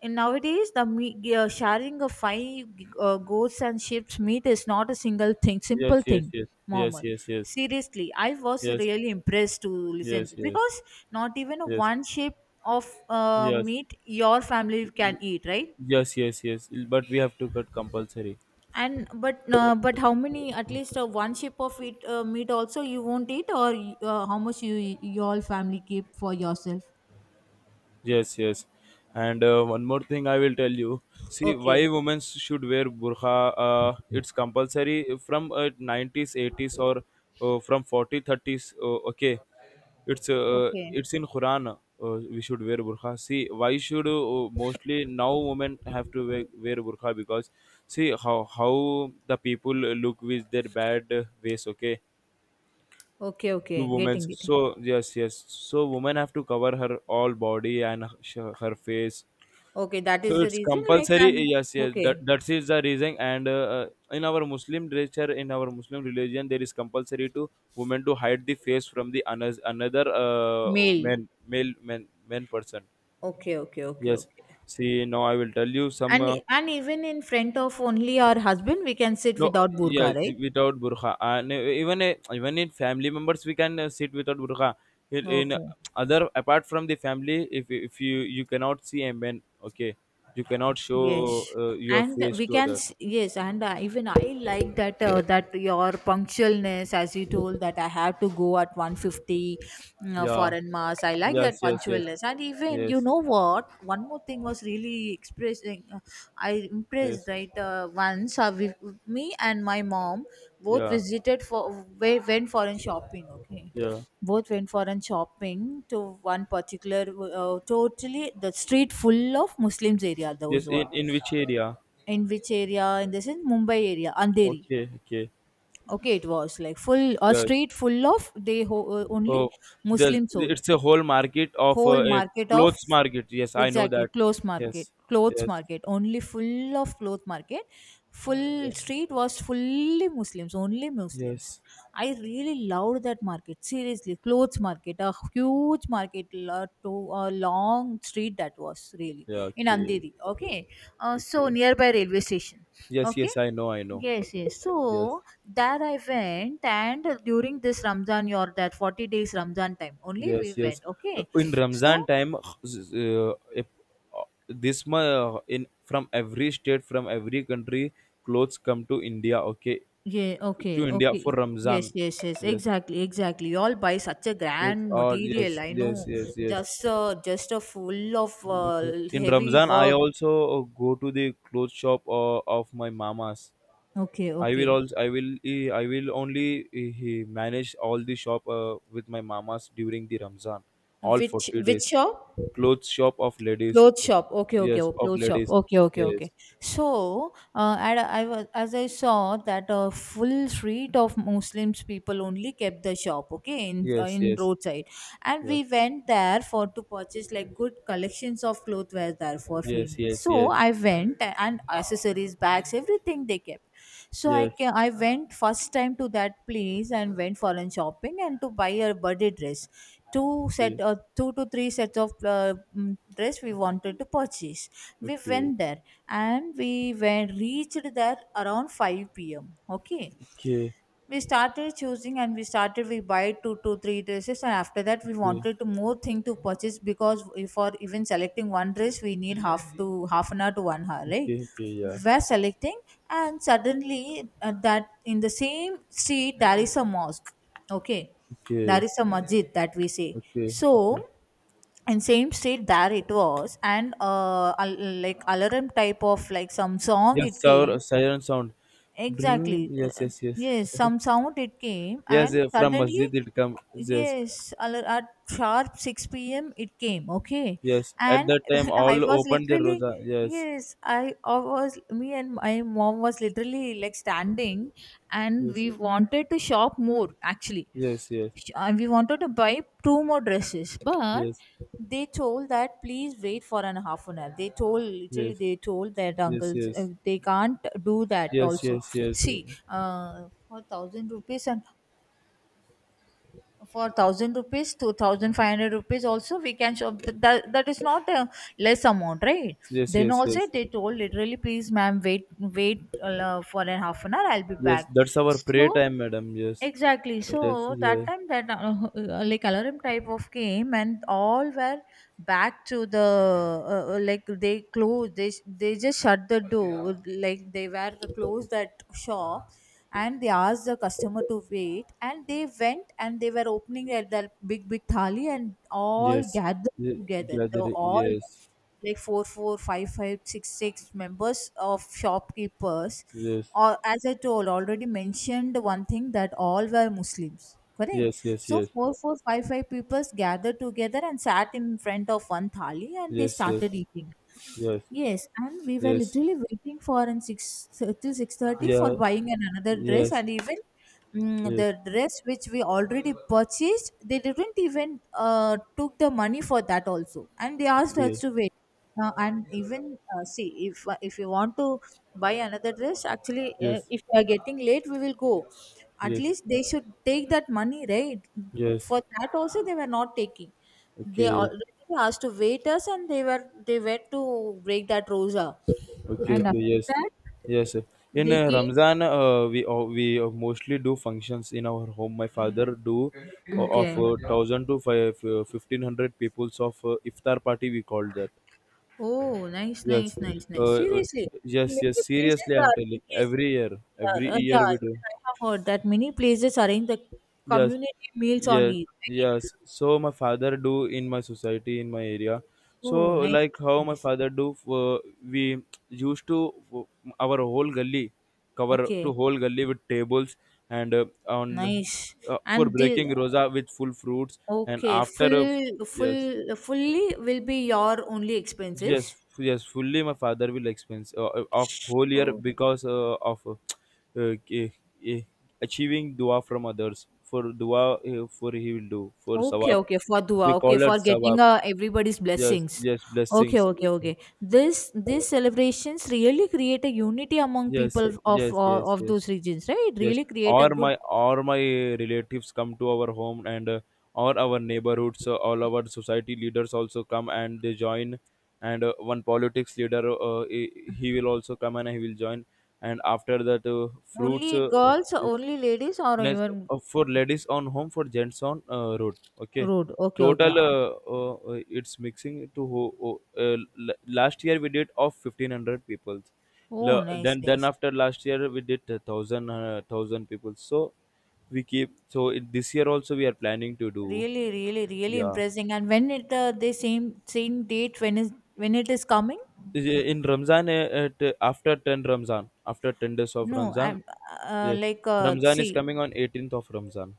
[SPEAKER 2] in nowadays, the sharing of five goats and sheep's meat is not a single thing simple
[SPEAKER 1] Yes. Yes.
[SPEAKER 2] thing,
[SPEAKER 1] Yes. Yes. Yes. Yes. Yes. Yes. Yes. Yes.
[SPEAKER 2] Mohammed.
[SPEAKER 1] Yes. Yes.
[SPEAKER 2] Seriously, I was really impressed to listen,
[SPEAKER 1] Yes.
[SPEAKER 2] because not even a one shape of meat your family can eat, right?
[SPEAKER 1] Yes. Yes. Yes. But we have to cut compulsory.
[SPEAKER 2] And but how many, at least one shape of it meat also you won't eat, or how much you, your family keep for yourself?
[SPEAKER 1] Yes, yes. And one more thing I will tell you. See, why
[SPEAKER 2] Okay.
[SPEAKER 1] women should wear burqa? It's compulsory from 90s, 80s or from 40, thirties. 30s. Okay. It's uh,
[SPEAKER 2] Okay.
[SPEAKER 1] it's in Quran. We should wear burqa. See, why should mostly now women have to wear burqa? Because see how the people look with their bad ways. Okay
[SPEAKER 2] Okay,
[SPEAKER 1] to
[SPEAKER 2] okay.
[SPEAKER 1] women.
[SPEAKER 2] Getting,
[SPEAKER 1] So
[SPEAKER 2] getting.
[SPEAKER 1] yes, yes, so women have to cover her all body and her face,
[SPEAKER 2] Okay, that
[SPEAKER 1] so
[SPEAKER 2] is the
[SPEAKER 1] it's
[SPEAKER 2] reason. Like,
[SPEAKER 1] compulsory.
[SPEAKER 2] and
[SPEAKER 1] Yes, yes. That
[SPEAKER 2] okay,
[SPEAKER 1] that is the reason. And in our Muslim literature, in our Muslim religion, there is compulsory to women to hide the face from the another
[SPEAKER 2] male.
[SPEAKER 1] man, male man, man person.
[SPEAKER 2] Okay, okay, okay,
[SPEAKER 1] Yes.
[SPEAKER 2] okay.
[SPEAKER 1] See, now I will tell you some.
[SPEAKER 2] And even in front of only our husband, we can sit
[SPEAKER 1] No,
[SPEAKER 2] without burqa,
[SPEAKER 1] yes,
[SPEAKER 2] right?
[SPEAKER 1] without burqa. And even in family members, we can sit without burqa. In
[SPEAKER 2] Okay.
[SPEAKER 1] other apart from the family, if you cannot see a man, okay, you cannot show
[SPEAKER 2] Yes,
[SPEAKER 1] your
[SPEAKER 2] and
[SPEAKER 1] face
[SPEAKER 2] we
[SPEAKER 1] to
[SPEAKER 2] can
[SPEAKER 1] other.
[SPEAKER 2] yes, and even I like that that your punctualness, as you told that I have to go at 1:50
[SPEAKER 1] Yeah.
[SPEAKER 2] foreign mass. I like that
[SPEAKER 1] Yes, yes, yes,
[SPEAKER 2] punctualness, and even you
[SPEAKER 1] yes,
[SPEAKER 2] know what? One more thing was really expressing. I
[SPEAKER 1] yes,
[SPEAKER 2] impressed, right, once. Me and my mom both
[SPEAKER 1] yeah,
[SPEAKER 2] visited for went foreign shopping. Okay,
[SPEAKER 1] yeah,
[SPEAKER 2] both went foreign shopping to one particular totally the street full of Muslims area.
[SPEAKER 1] yes.
[SPEAKER 2] Those were
[SPEAKER 1] In which area?
[SPEAKER 2] in which area, in this in Mumbai area, Andheri.
[SPEAKER 1] Okay, okay,
[SPEAKER 2] Okay, it was like full, a
[SPEAKER 1] yes.
[SPEAKER 2] street full of only
[SPEAKER 1] Oh, there's
[SPEAKER 2] Muslim sold,
[SPEAKER 1] it's a whole market of
[SPEAKER 2] whole
[SPEAKER 1] a
[SPEAKER 2] market of,
[SPEAKER 1] clothes market. Yes, I know
[SPEAKER 2] exactly,
[SPEAKER 1] that.
[SPEAKER 2] clothes market,
[SPEAKER 1] Yes,
[SPEAKER 2] clothes
[SPEAKER 1] yes,
[SPEAKER 2] market, only full of cloth market, full
[SPEAKER 1] yeah,
[SPEAKER 2] street was fully Muslims, only Muslims.
[SPEAKER 1] yes,
[SPEAKER 2] I really loved that market, seriously. Clothes market, a huge market, to a long street, that was really
[SPEAKER 1] yeah.
[SPEAKER 2] in
[SPEAKER 1] Okay,
[SPEAKER 2] Andheri. Okay, so
[SPEAKER 1] okay.
[SPEAKER 2] nearby railway station,
[SPEAKER 1] Yes,
[SPEAKER 2] okay.
[SPEAKER 1] yes, I know, I know.
[SPEAKER 2] Yes, yes.
[SPEAKER 1] Yes,
[SPEAKER 2] So there I went, and during this Ramzan, your that 40 days Ramzan time, only
[SPEAKER 1] yes,
[SPEAKER 2] we
[SPEAKER 1] yes.
[SPEAKER 2] went. Okay.
[SPEAKER 1] In Ramzan
[SPEAKER 2] So,
[SPEAKER 1] time, if, this ma in from every state, from every country, clothes come to India. Okay,
[SPEAKER 2] yeah,
[SPEAKER 1] to
[SPEAKER 2] okay,
[SPEAKER 1] India
[SPEAKER 2] okay.
[SPEAKER 1] for
[SPEAKER 2] Yes,
[SPEAKER 1] Ramzan.
[SPEAKER 2] yes, yes.
[SPEAKER 1] Yes,
[SPEAKER 2] Exactly, exactly. You all buy such a
[SPEAKER 1] yes,
[SPEAKER 2] grand
[SPEAKER 1] oh,
[SPEAKER 2] material,
[SPEAKER 1] yes,
[SPEAKER 2] I
[SPEAKER 1] yes,
[SPEAKER 2] know.
[SPEAKER 1] yes, yes.
[SPEAKER 2] Just a full of
[SPEAKER 1] Because in
[SPEAKER 2] heavy
[SPEAKER 1] Ramzan, I
[SPEAKER 2] work.
[SPEAKER 1] also go to the clothes shop of my mamas.
[SPEAKER 2] Okay,
[SPEAKER 1] I will
[SPEAKER 2] okay.
[SPEAKER 1] also, I will, eh, I will only manage all the shop with my mamas during the Ramzan, all forty
[SPEAKER 2] Which
[SPEAKER 1] days.
[SPEAKER 2] shop?
[SPEAKER 1] Clothes shop
[SPEAKER 2] Clothes shop. Okay, okay, oh,
[SPEAKER 1] of
[SPEAKER 2] clothes shop.
[SPEAKER 1] ladies,
[SPEAKER 2] Okay, okay,
[SPEAKER 1] yes,
[SPEAKER 2] okay. So, and I was, as I saw that a full street of Muslims people only kept the shop. Okay,
[SPEAKER 1] yes,
[SPEAKER 2] in
[SPEAKER 1] yes,
[SPEAKER 2] roadside, and
[SPEAKER 1] yes,
[SPEAKER 2] we went there for to purchase like good collections of clothes were there for
[SPEAKER 1] yes,
[SPEAKER 2] females.
[SPEAKER 1] yes,
[SPEAKER 2] So I went, and accessories, bags, everything they kept. So I
[SPEAKER 1] yes,
[SPEAKER 2] can, I went first time to that place and went for a shopping and to buy a birthday dress. Two set,
[SPEAKER 1] yes.
[SPEAKER 2] two to three sets of dress we wanted to purchase.
[SPEAKER 1] Okay,
[SPEAKER 2] We
[SPEAKER 1] okay,
[SPEAKER 2] went there, and we went, reached there around 5 p.m. Okay,
[SPEAKER 1] okay,
[SPEAKER 2] we started choosing, and we started, we buy two to three dresses, and after that we
[SPEAKER 1] okay,
[SPEAKER 2] wanted to more thing to purchase, because if for even selecting one dress we need half to, half an hour to 1 hour, right?
[SPEAKER 1] okay, okay, yeah,
[SPEAKER 2] We were selecting, and suddenly that in the same street there is a mosque. Okay, there
[SPEAKER 1] okay.
[SPEAKER 2] is a masjid, that we say.
[SPEAKER 1] Okay,
[SPEAKER 2] So
[SPEAKER 1] okay.
[SPEAKER 2] in same state there it was, and like alarm type of like some song
[SPEAKER 1] Yes,
[SPEAKER 2] it
[SPEAKER 1] sound,
[SPEAKER 2] came.
[SPEAKER 1] siren sound. Dring.
[SPEAKER 2] Exactly.
[SPEAKER 1] Yes, yes, yes.
[SPEAKER 2] Yes, some sound it came,
[SPEAKER 1] Yes,
[SPEAKER 2] and
[SPEAKER 1] yeah, from
[SPEAKER 2] suddenly,
[SPEAKER 1] masjid it comes. Yes,
[SPEAKER 2] yes, at sharp 6 p.m. it came, okay?
[SPEAKER 1] yes. At
[SPEAKER 2] And
[SPEAKER 1] that time,
[SPEAKER 2] [LAUGHS] I
[SPEAKER 1] all
[SPEAKER 2] was
[SPEAKER 1] opened their
[SPEAKER 2] literally,
[SPEAKER 1] rosa. Yes,
[SPEAKER 2] yes, I was, me and my mom was literally like standing, and
[SPEAKER 1] yes,
[SPEAKER 2] we wanted to shop more actually.
[SPEAKER 1] yes, yes,
[SPEAKER 2] We wanted to buy two more dresses, but
[SPEAKER 1] yes,
[SPEAKER 2] they told that please wait for an half an hour. They told literally,
[SPEAKER 1] yes,
[SPEAKER 2] they told their
[SPEAKER 1] yes,
[SPEAKER 2] uncles
[SPEAKER 1] yes,
[SPEAKER 2] they can't do that.
[SPEAKER 1] yes,
[SPEAKER 2] Also,
[SPEAKER 1] yes, yes,
[SPEAKER 2] see, for thousand rupees and for thousand rupees to 1,500 rupees also we can shop. That, that is not a less amount, right?
[SPEAKER 1] yes,
[SPEAKER 2] Then
[SPEAKER 1] yes,
[SPEAKER 2] also
[SPEAKER 1] yes.
[SPEAKER 2] they told literally, please ma'am, wait, wait, for a half an hour I'll be
[SPEAKER 1] Yes,
[SPEAKER 2] back.
[SPEAKER 1] that's our prayer
[SPEAKER 2] So
[SPEAKER 1] time, madam. Yes,
[SPEAKER 2] exactly,
[SPEAKER 1] that's
[SPEAKER 2] so that
[SPEAKER 1] the
[SPEAKER 2] time that like alarm type of game and all were back to the like they closed, they just shut the door, like they were closed that shop, and they asked the customer to wait, and they went, and they were opening at the big big thali and all
[SPEAKER 1] yes.
[SPEAKER 2] gathered
[SPEAKER 1] Ye-
[SPEAKER 2] together. So
[SPEAKER 1] Gather.
[SPEAKER 2] all
[SPEAKER 1] Yes,
[SPEAKER 2] like four four five five six six members of shopkeepers,
[SPEAKER 1] yes,
[SPEAKER 2] or as I told, already mentioned one thing that all were Muslims. Correct.
[SPEAKER 1] yes, yes,
[SPEAKER 2] So
[SPEAKER 1] yes,
[SPEAKER 2] four, four, five, five peoples gathered together and sat in front of one thali, and they
[SPEAKER 1] yes, yes,
[SPEAKER 2] started eating.
[SPEAKER 1] yes,
[SPEAKER 2] Yes, and we were
[SPEAKER 1] yes,
[SPEAKER 2] literally waiting for, and six till 6:30, for
[SPEAKER 1] yeah,
[SPEAKER 2] buying an another dress,
[SPEAKER 1] yes,
[SPEAKER 2] and even
[SPEAKER 1] yes,
[SPEAKER 2] the dress which we already purchased, they didn't even took the money for that also, and they asked
[SPEAKER 1] yeah,
[SPEAKER 2] us to wait. And even see, if you want to buy another dress actually,
[SPEAKER 1] yes,
[SPEAKER 2] if you are getting late we will go, at
[SPEAKER 1] yes.
[SPEAKER 2] least they should take that money, right?
[SPEAKER 1] Yes.
[SPEAKER 2] For that also they were not taking. They
[SPEAKER 1] Okay.
[SPEAKER 2] already asked to wait us, and they were to break that rosa,
[SPEAKER 1] Okay.
[SPEAKER 2] and
[SPEAKER 1] Okay.
[SPEAKER 2] after
[SPEAKER 1] Yes.
[SPEAKER 2] that
[SPEAKER 1] Yes, sir. In
[SPEAKER 2] they
[SPEAKER 1] uh,
[SPEAKER 2] came,
[SPEAKER 1] Ramzan, we mostly do functions in our home. My father do of
[SPEAKER 2] okay.
[SPEAKER 1] thousand to five 1,500 peoples of iftar party. We called that.
[SPEAKER 2] Oh, nice,
[SPEAKER 1] Yes.
[SPEAKER 2] nice, nice,
[SPEAKER 1] Uh,
[SPEAKER 2] nice.
[SPEAKER 1] uh,
[SPEAKER 2] Seriously, in
[SPEAKER 1] yes. Yes.
[SPEAKER 2] many places
[SPEAKER 1] Seriously,
[SPEAKER 2] the
[SPEAKER 1] I'm telling.
[SPEAKER 2] arranges
[SPEAKER 1] Every
[SPEAKER 2] are,
[SPEAKER 1] year
[SPEAKER 2] yeah,
[SPEAKER 1] we do.
[SPEAKER 2] even I have heard that many places arrange the
[SPEAKER 1] Yes,
[SPEAKER 2] community meals on
[SPEAKER 1] yes,
[SPEAKER 2] it, right?
[SPEAKER 1] yes, so my father do in my society in my area. So
[SPEAKER 2] Oh, nice,
[SPEAKER 1] like
[SPEAKER 2] nice,
[SPEAKER 1] how my
[SPEAKER 2] nice.
[SPEAKER 1] father do, we used to our whole gully cover to
[SPEAKER 2] Okay,
[SPEAKER 1] whole gully with tables, and on
[SPEAKER 2] nice.
[SPEAKER 1] for
[SPEAKER 2] And the
[SPEAKER 1] breaking rosa with full fruits. And
[SPEAKER 2] okay,
[SPEAKER 1] after of
[SPEAKER 2] full,
[SPEAKER 1] yes.
[SPEAKER 2] full, fully will be your only
[SPEAKER 1] Yes,
[SPEAKER 2] expenses.
[SPEAKER 1] yes, fully. My father will expense of whole year
[SPEAKER 2] Oh.
[SPEAKER 1] because of uh, k- eh, achieving dua from others. For dua, for he will do for
[SPEAKER 2] Okay,
[SPEAKER 1] sawab.
[SPEAKER 2] okay, for
[SPEAKER 1] We
[SPEAKER 2] dua, okay,
[SPEAKER 1] call it
[SPEAKER 2] for getting
[SPEAKER 1] sawab.
[SPEAKER 2] everybody's
[SPEAKER 1] Yes,
[SPEAKER 2] blessings.
[SPEAKER 1] yes,
[SPEAKER 2] Okay,
[SPEAKER 1] blessings.
[SPEAKER 2] okay, okay. This these celebrations really create a unity among
[SPEAKER 1] Yes,
[SPEAKER 2] people
[SPEAKER 1] yes, yes,
[SPEAKER 2] of
[SPEAKER 1] yes,
[SPEAKER 2] those regions, right?
[SPEAKER 1] yes.
[SPEAKER 2] Really create a good,
[SPEAKER 1] Or my relatives come to our home, and or our neighborhoods. All our society leaders also come and they join. And one politics leader, he will also come and he will join. And after that, fruits.
[SPEAKER 2] only girls,
[SPEAKER 1] Yes.
[SPEAKER 2] only ladies, or
[SPEAKER 1] Yes,
[SPEAKER 2] even
[SPEAKER 1] for ladies on home, for gents on road. Okay,
[SPEAKER 2] road. Okay, okay.
[SPEAKER 1] total it's mixing to last year we did of 1,500 people.
[SPEAKER 2] Oh, nice,
[SPEAKER 1] Then
[SPEAKER 2] nice.
[SPEAKER 1] after last year we did thousand people. So we keep so it, this year also we are planning to do.
[SPEAKER 2] Really, really, really
[SPEAKER 1] Yeah.
[SPEAKER 2] impressing. And when it the same same date, when is, when it is coming?
[SPEAKER 1] Is- uh, in Ramzan after ten Ramzan after 10 days of
[SPEAKER 2] No,
[SPEAKER 1] Ramzan.
[SPEAKER 2] I'm
[SPEAKER 1] Yeah, Ramzan is
[SPEAKER 2] see,
[SPEAKER 1] coming on 18th of Ramzan.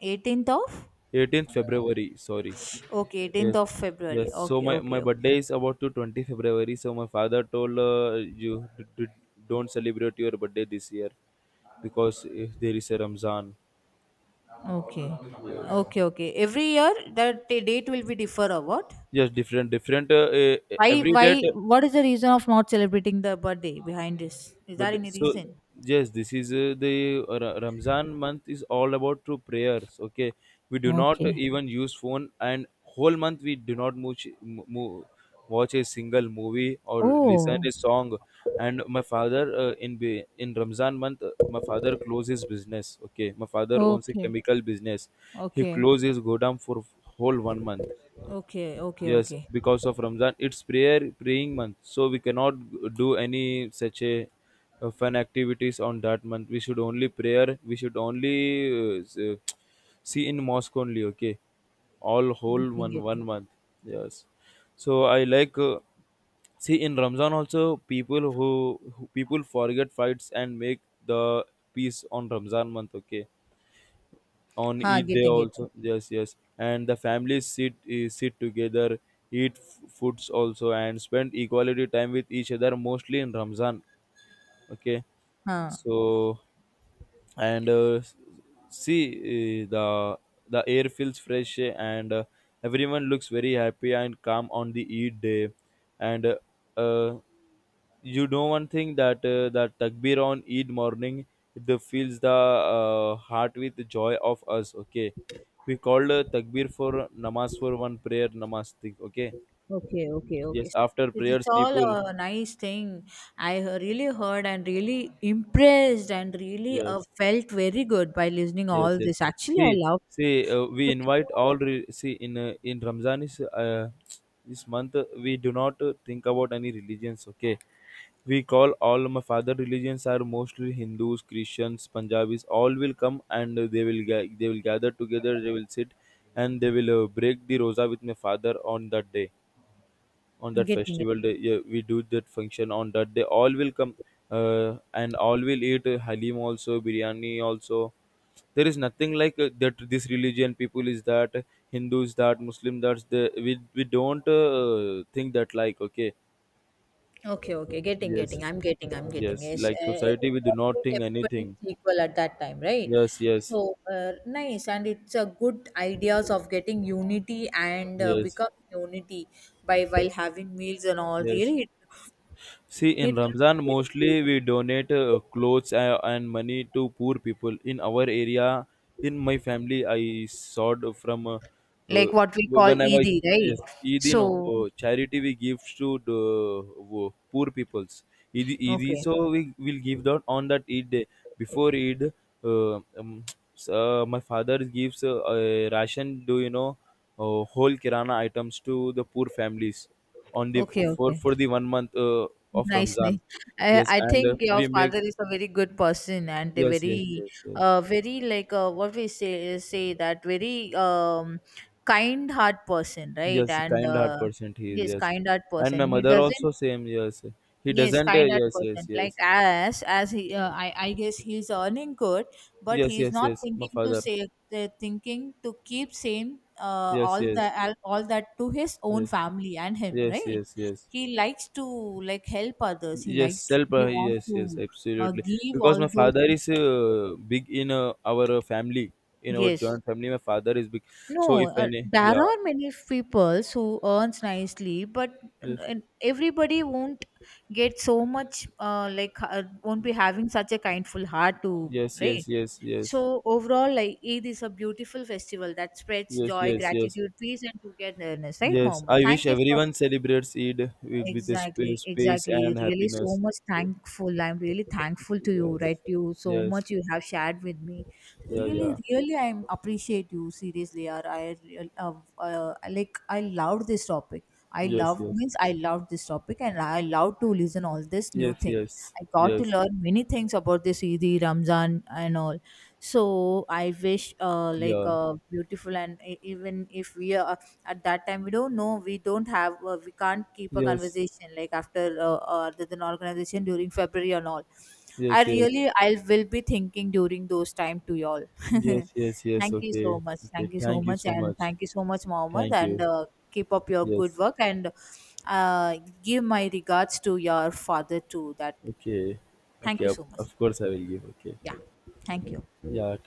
[SPEAKER 2] 18th of,
[SPEAKER 1] 18th February, sorry.
[SPEAKER 2] okay, eighteenth
[SPEAKER 1] Yes,
[SPEAKER 2] of
[SPEAKER 1] yes.
[SPEAKER 2] February.
[SPEAKER 1] So
[SPEAKER 2] Okay,
[SPEAKER 1] my
[SPEAKER 2] okay, okay.
[SPEAKER 1] birthday is about to 20 February. So my father told you don't celebrate your birthday this year because if there is a Ramzan.
[SPEAKER 2] Okay.
[SPEAKER 1] Yes.
[SPEAKER 2] Okay, okay. Every year that the date will be differ, or what?
[SPEAKER 1] Yes, different, different.
[SPEAKER 2] Why
[SPEAKER 1] Every date.
[SPEAKER 2] why what is the reason of not celebrating the birthday behind this? Is there
[SPEAKER 1] But
[SPEAKER 2] any
[SPEAKER 1] so
[SPEAKER 2] reason?
[SPEAKER 1] yes, this is Ramzan month is all about to prayers. Okay, we do not
[SPEAKER 2] Okay.
[SPEAKER 1] even use phone, and whole month we do not much watch a single movie or listen
[SPEAKER 2] Oh,
[SPEAKER 1] a song. And my father in Ramzan month, my father closed his business. Okay, my father owns a
[SPEAKER 2] okay.
[SPEAKER 1] chemical business. He
[SPEAKER 2] Okay.
[SPEAKER 1] closed his godown for whole one month.
[SPEAKER 2] Okay, okay,
[SPEAKER 1] Yes,
[SPEAKER 2] okay.
[SPEAKER 1] because of Ramzan, it's prayer praying month, so we cannot do any such a fun activities on that month. We should only prayer. We should only see in mosque only. Okay, all whole
[SPEAKER 2] Getting,
[SPEAKER 1] one
[SPEAKER 2] getting.
[SPEAKER 1] month. Yes, so I like. See in Ramzan also people who people forget fights and make the peace on Ramzan month. Okay, on
[SPEAKER 2] Ha,
[SPEAKER 1] eat day
[SPEAKER 2] getting, getting.
[SPEAKER 1] also yes, yes, and the families sit, sit together, eat foods also, and spend equality time with each other mostly in Ramzan. Okay,
[SPEAKER 2] Ha.
[SPEAKER 1] so and see, the the air feels fresh, and everyone looks very happy and calm on the Eid day. And uh, you know one thing, that that takbir on Eid morning, it fills the heart with joy of us. Okay, we called takbir for namaz, for one prayer namaz thing, okay.
[SPEAKER 2] Okay, okay, okay.
[SPEAKER 1] Yes, after
[SPEAKER 2] It's
[SPEAKER 1] prayers
[SPEAKER 2] all
[SPEAKER 1] people.
[SPEAKER 2] a nice thing. Really heard, and really impressed, and really
[SPEAKER 1] Yes,
[SPEAKER 2] felt very good by listening
[SPEAKER 1] yes,
[SPEAKER 2] all
[SPEAKER 1] yes,
[SPEAKER 2] this. Actually,
[SPEAKER 1] see,
[SPEAKER 2] I love.
[SPEAKER 1] see we
[SPEAKER 2] So,
[SPEAKER 1] invite all re- see in Ramzan is, this month, we do not think about any religions. Okay, we call all my father religions are mostly Hindus, Christians, Punjabis, all will come, and they will they will gather together, they will sit, and they will break the rosa with my father on that day, on
[SPEAKER 2] I'm
[SPEAKER 1] that
[SPEAKER 2] getting it.
[SPEAKER 1] festival day. Yeah, we do that function on that day, all will come. And all will eat halim also, biryani also. There is nothing like that this religion people is that Hindus that Muslim, that's the we don't think that like. Okay,
[SPEAKER 2] Okay, okay, getting,
[SPEAKER 1] yes,
[SPEAKER 2] getting. I'm getting, I'm getting.
[SPEAKER 1] yes,
[SPEAKER 2] Yes,
[SPEAKER 1] like society we do not
[SPEAKER 2] corporate,
[SPEAKER 1] think
[SPEAKER 2] everybody
[SPEAKER 1] anything.
[SPEAKER 2] is equal at that time, right?
[SPEAKER 1] Yes, yes,
[SPEAKER 2] So nice, and it's a good ideas of getting unity and
[SPEAKER 1] yes,
[SPEAKER 2] becoming unity by while having meals and all.
[SPEAKER 1] yes.
[SPEAKER 2] Really,
[SPEAKER 1] See, in
[SPEAKER 2] it looks
[SPEAKER 1] Ramzan,
[SPEAKER 2] very great.
[SPEAKER 1] mostly we donate clothes and money to poor people. In our area, in my family, I sort of from uh,
[SPEAKER 2] Like what we call
[SPEAKER 1] whenever
[SPEAKER 2] Eid,
[SPEAKER 1] yes,
[SPEAKER 2] right?
[SPEAKER 1] Eid, you know,
[SPEAKER 2] So
[SPEAKER 1] charity we give to the poor peoples. Eid, Eid,
[SPEAKER 2] okay,
[SPEAKER 1] so we will give that on that Eid day. Before Eid, uh, um, my father gives a ration, do you know, whole kirana items to the poor families on the
[SPEAKER 2] okay, okay.
[SPEAKER 1] for the one month of
[SPEAKER 2] Nice, nice.
[SPEAKER 1] Ramzan. Yes,
[SPEAKER 2] I
[SPEAKER 1] and
[SPEAKER 2] think your
[SPEAKER 1] we make
[SPEAKER 2] father is a very good person and a
[SPEAKER 1] yes, yes,
[SPEAKER 2] very,
[SPEAKER 1] yes, yes,
[SPEAKER 2] very like, what we say say that very kind heart person, right?
[SPEAKER 1] yes.
[SPEAKER 2] And
[SPEAKER 1] Kind heart person he is.
[SPEAKER 2] he is
[SPEAKER 1] Yes,
[SPEAKER 2] kind heart
[SPEAKER 1] and my
[SPEAKER 2] person. He
[SPEAKER 1] mother
[SPEAKER 2] doesn't,
[SPEAKER 1] also same. Yes, he
[SPEAKER 2] yes,
[SPEAKER 1] doesn't.
[SPEAKER 2] kind of
[SPEAKER 1] Yes, yes,
[SPEAKER 2] percent. Like
[SPEAKER 1] yes,
[SPEAKER 2] as he, I guess he's earning good, but
[SPEAKER 1] yes,
[SPEAKER 2] he's
[SPEAKER 1] yes,
[SPEAKER 2] not
[SPEAKER 1] yes. My
[SPEAKER 2] thinking to
[SPEAKER 1] father.
[SPEAKER 2] save. They thinking to keep same
[SPEAKER 1] Yes,
[SPEAKER 2] all the
[SPEAKER 1] yes,
[SPEAKER 2] all that to his own
[SPEAKER 1] yes,
[SPEAKER 2] family and him,
[SPEAKER 1] yes,
[SPEAKER 2] right?
[SPEAKER 1] yes, yes.
[SPEAKER 2] He likes to, like help others. He
[SPEAKER 1] Yes,
[SPEAKER 2] likes to,
[SPEAKER 1] self.
[SPEAKER 2] he wants
[SPEAKER 1] Yes, yes,
[SPEAKER 2] to
[SPEAKER 1] absolutely.
[SPEAKER 2] give
[SPEAKER 1] Because
[SPEAKER 2] all
[SPEAKER 1] my
[SPEAKER 2] those.
[SPEAKER 1] father is big in our family, in our
[SPEAKER 2] Yes.
[SPEAKER 1] joint family. My father is big. So
[SPEAKER 2] No,
[SPEAKER 1] if any,
[SPEAKER 2] there
[SPEAKER 1] yeah,
[SPEAKER 2] are many people who earns nicely, but
[SPEAKER 1] yes,
[SPEAKER 2] uh, everybody won't get so much like won't be having such a kindful heart to,
[SPEAKER 1] yes,
[SPEAKER 2] right.
[SPEAKER 1] yes, yes, yes.
[SPEAKER 2] So overall, like Eid is a beautiful festival that spreads
[SPEAKER 1] Yes,
[SPEAKER 2] joy,
[SPEAKER 1] yes, yes,
[SPEAKER 2] gratitude, peace, and togetherness. Right,
[SPEAKER 1] yes.
[SPEAKER 2] Mohammed?
[SPEAKER 1] I wish
[SPEAKER 2] Thank you for,
[SPEAKER 1] everyone celebrates Eid with a
[SPEAKER 2] exactly,
[SPEAKER 1] space
[SPEAKER 2] exactly.
[SPEAKER 1] and
[SPEAKER 2] Really, so
[SPEAKER 1] happiness.
[SPEAKER 2] much
[SPEAKER 1] Okay.
[SPEAKER 2] thankful, I'm really thankful to you,
[SPEAKER 1] Yes,
[SPEAKER 2] right? You so
[SPEAKER 1] yes,
[SPEAKER 2] much you have shared with me.
[SPEAKER 1] yeah,
[SPEAKER 2] Really,
[SPEAKER 1] yeah,
[SPEAKER 2] really, I am appreciate you seriously. Or like, I loved this topic. I
[SPEAKER 1] yes,
[SPEAKER 2] love
[SPEAKER 1] yes,
[SPEAKER 2] means I loved this topic, and I love to listen all this new
[SPEAKER 1] yes,
[SPEAKER 2] thing.
[SPEAKER 1] yes,
[SPEAKER 2] I got to
[SPEAKER 1] yes,
[SPEAKER 2] learn many things about this Eid, Ramzan, and all. So I wish, like,
[SPEAKER 1] yeah,
[SPEAKER 2] beautiful and even if we are at that time, we don't know, we don't have, we can't keep a
[SPEAKER 1] yes,
[SPEAKER 2] conversation like after other than organization during February and all. I
[SPEAKER 1] yes, yes,
[SPEAKER 2] really, I will be thinking during those time to y'all.
[SPEAKER 1] yes, yes,
[SPEAKER 2] [LAUGHS]
[SPEAKER 1] yes.
[SPEAKER 2] Thank you so
[SPEAKER 1] Okay,
[SPEAKER 2] much,
[SPEAKER 1] okay.
[SPEAKER 2] thank you so
[SPEAKER 1] Thank you
[SPEAKER 2] much,
[SPEAKER 1] so
[SPEAKER 2] and
[SPEAKER 1] much.
[SPEAKER 2] thank you so much, Mohammed,
[SPEAKER 1] Thank you.
[SPEAKER 2] and keep up your good
[SPEAKER 1] Yes.
[SPEAKER 2] work, and uh, give my regards to your father too. That,
[SPEAKER 1] Okay.
[SPEAKER 2] thank
[SPEAKER 1] Okay.
[SPEAKER 2] you so much.
[SPEAKER 1] Of course, I will give. Okay.
[SPEAKER 2] Yeah, thank you.
[SPEAKER 1] Yeah.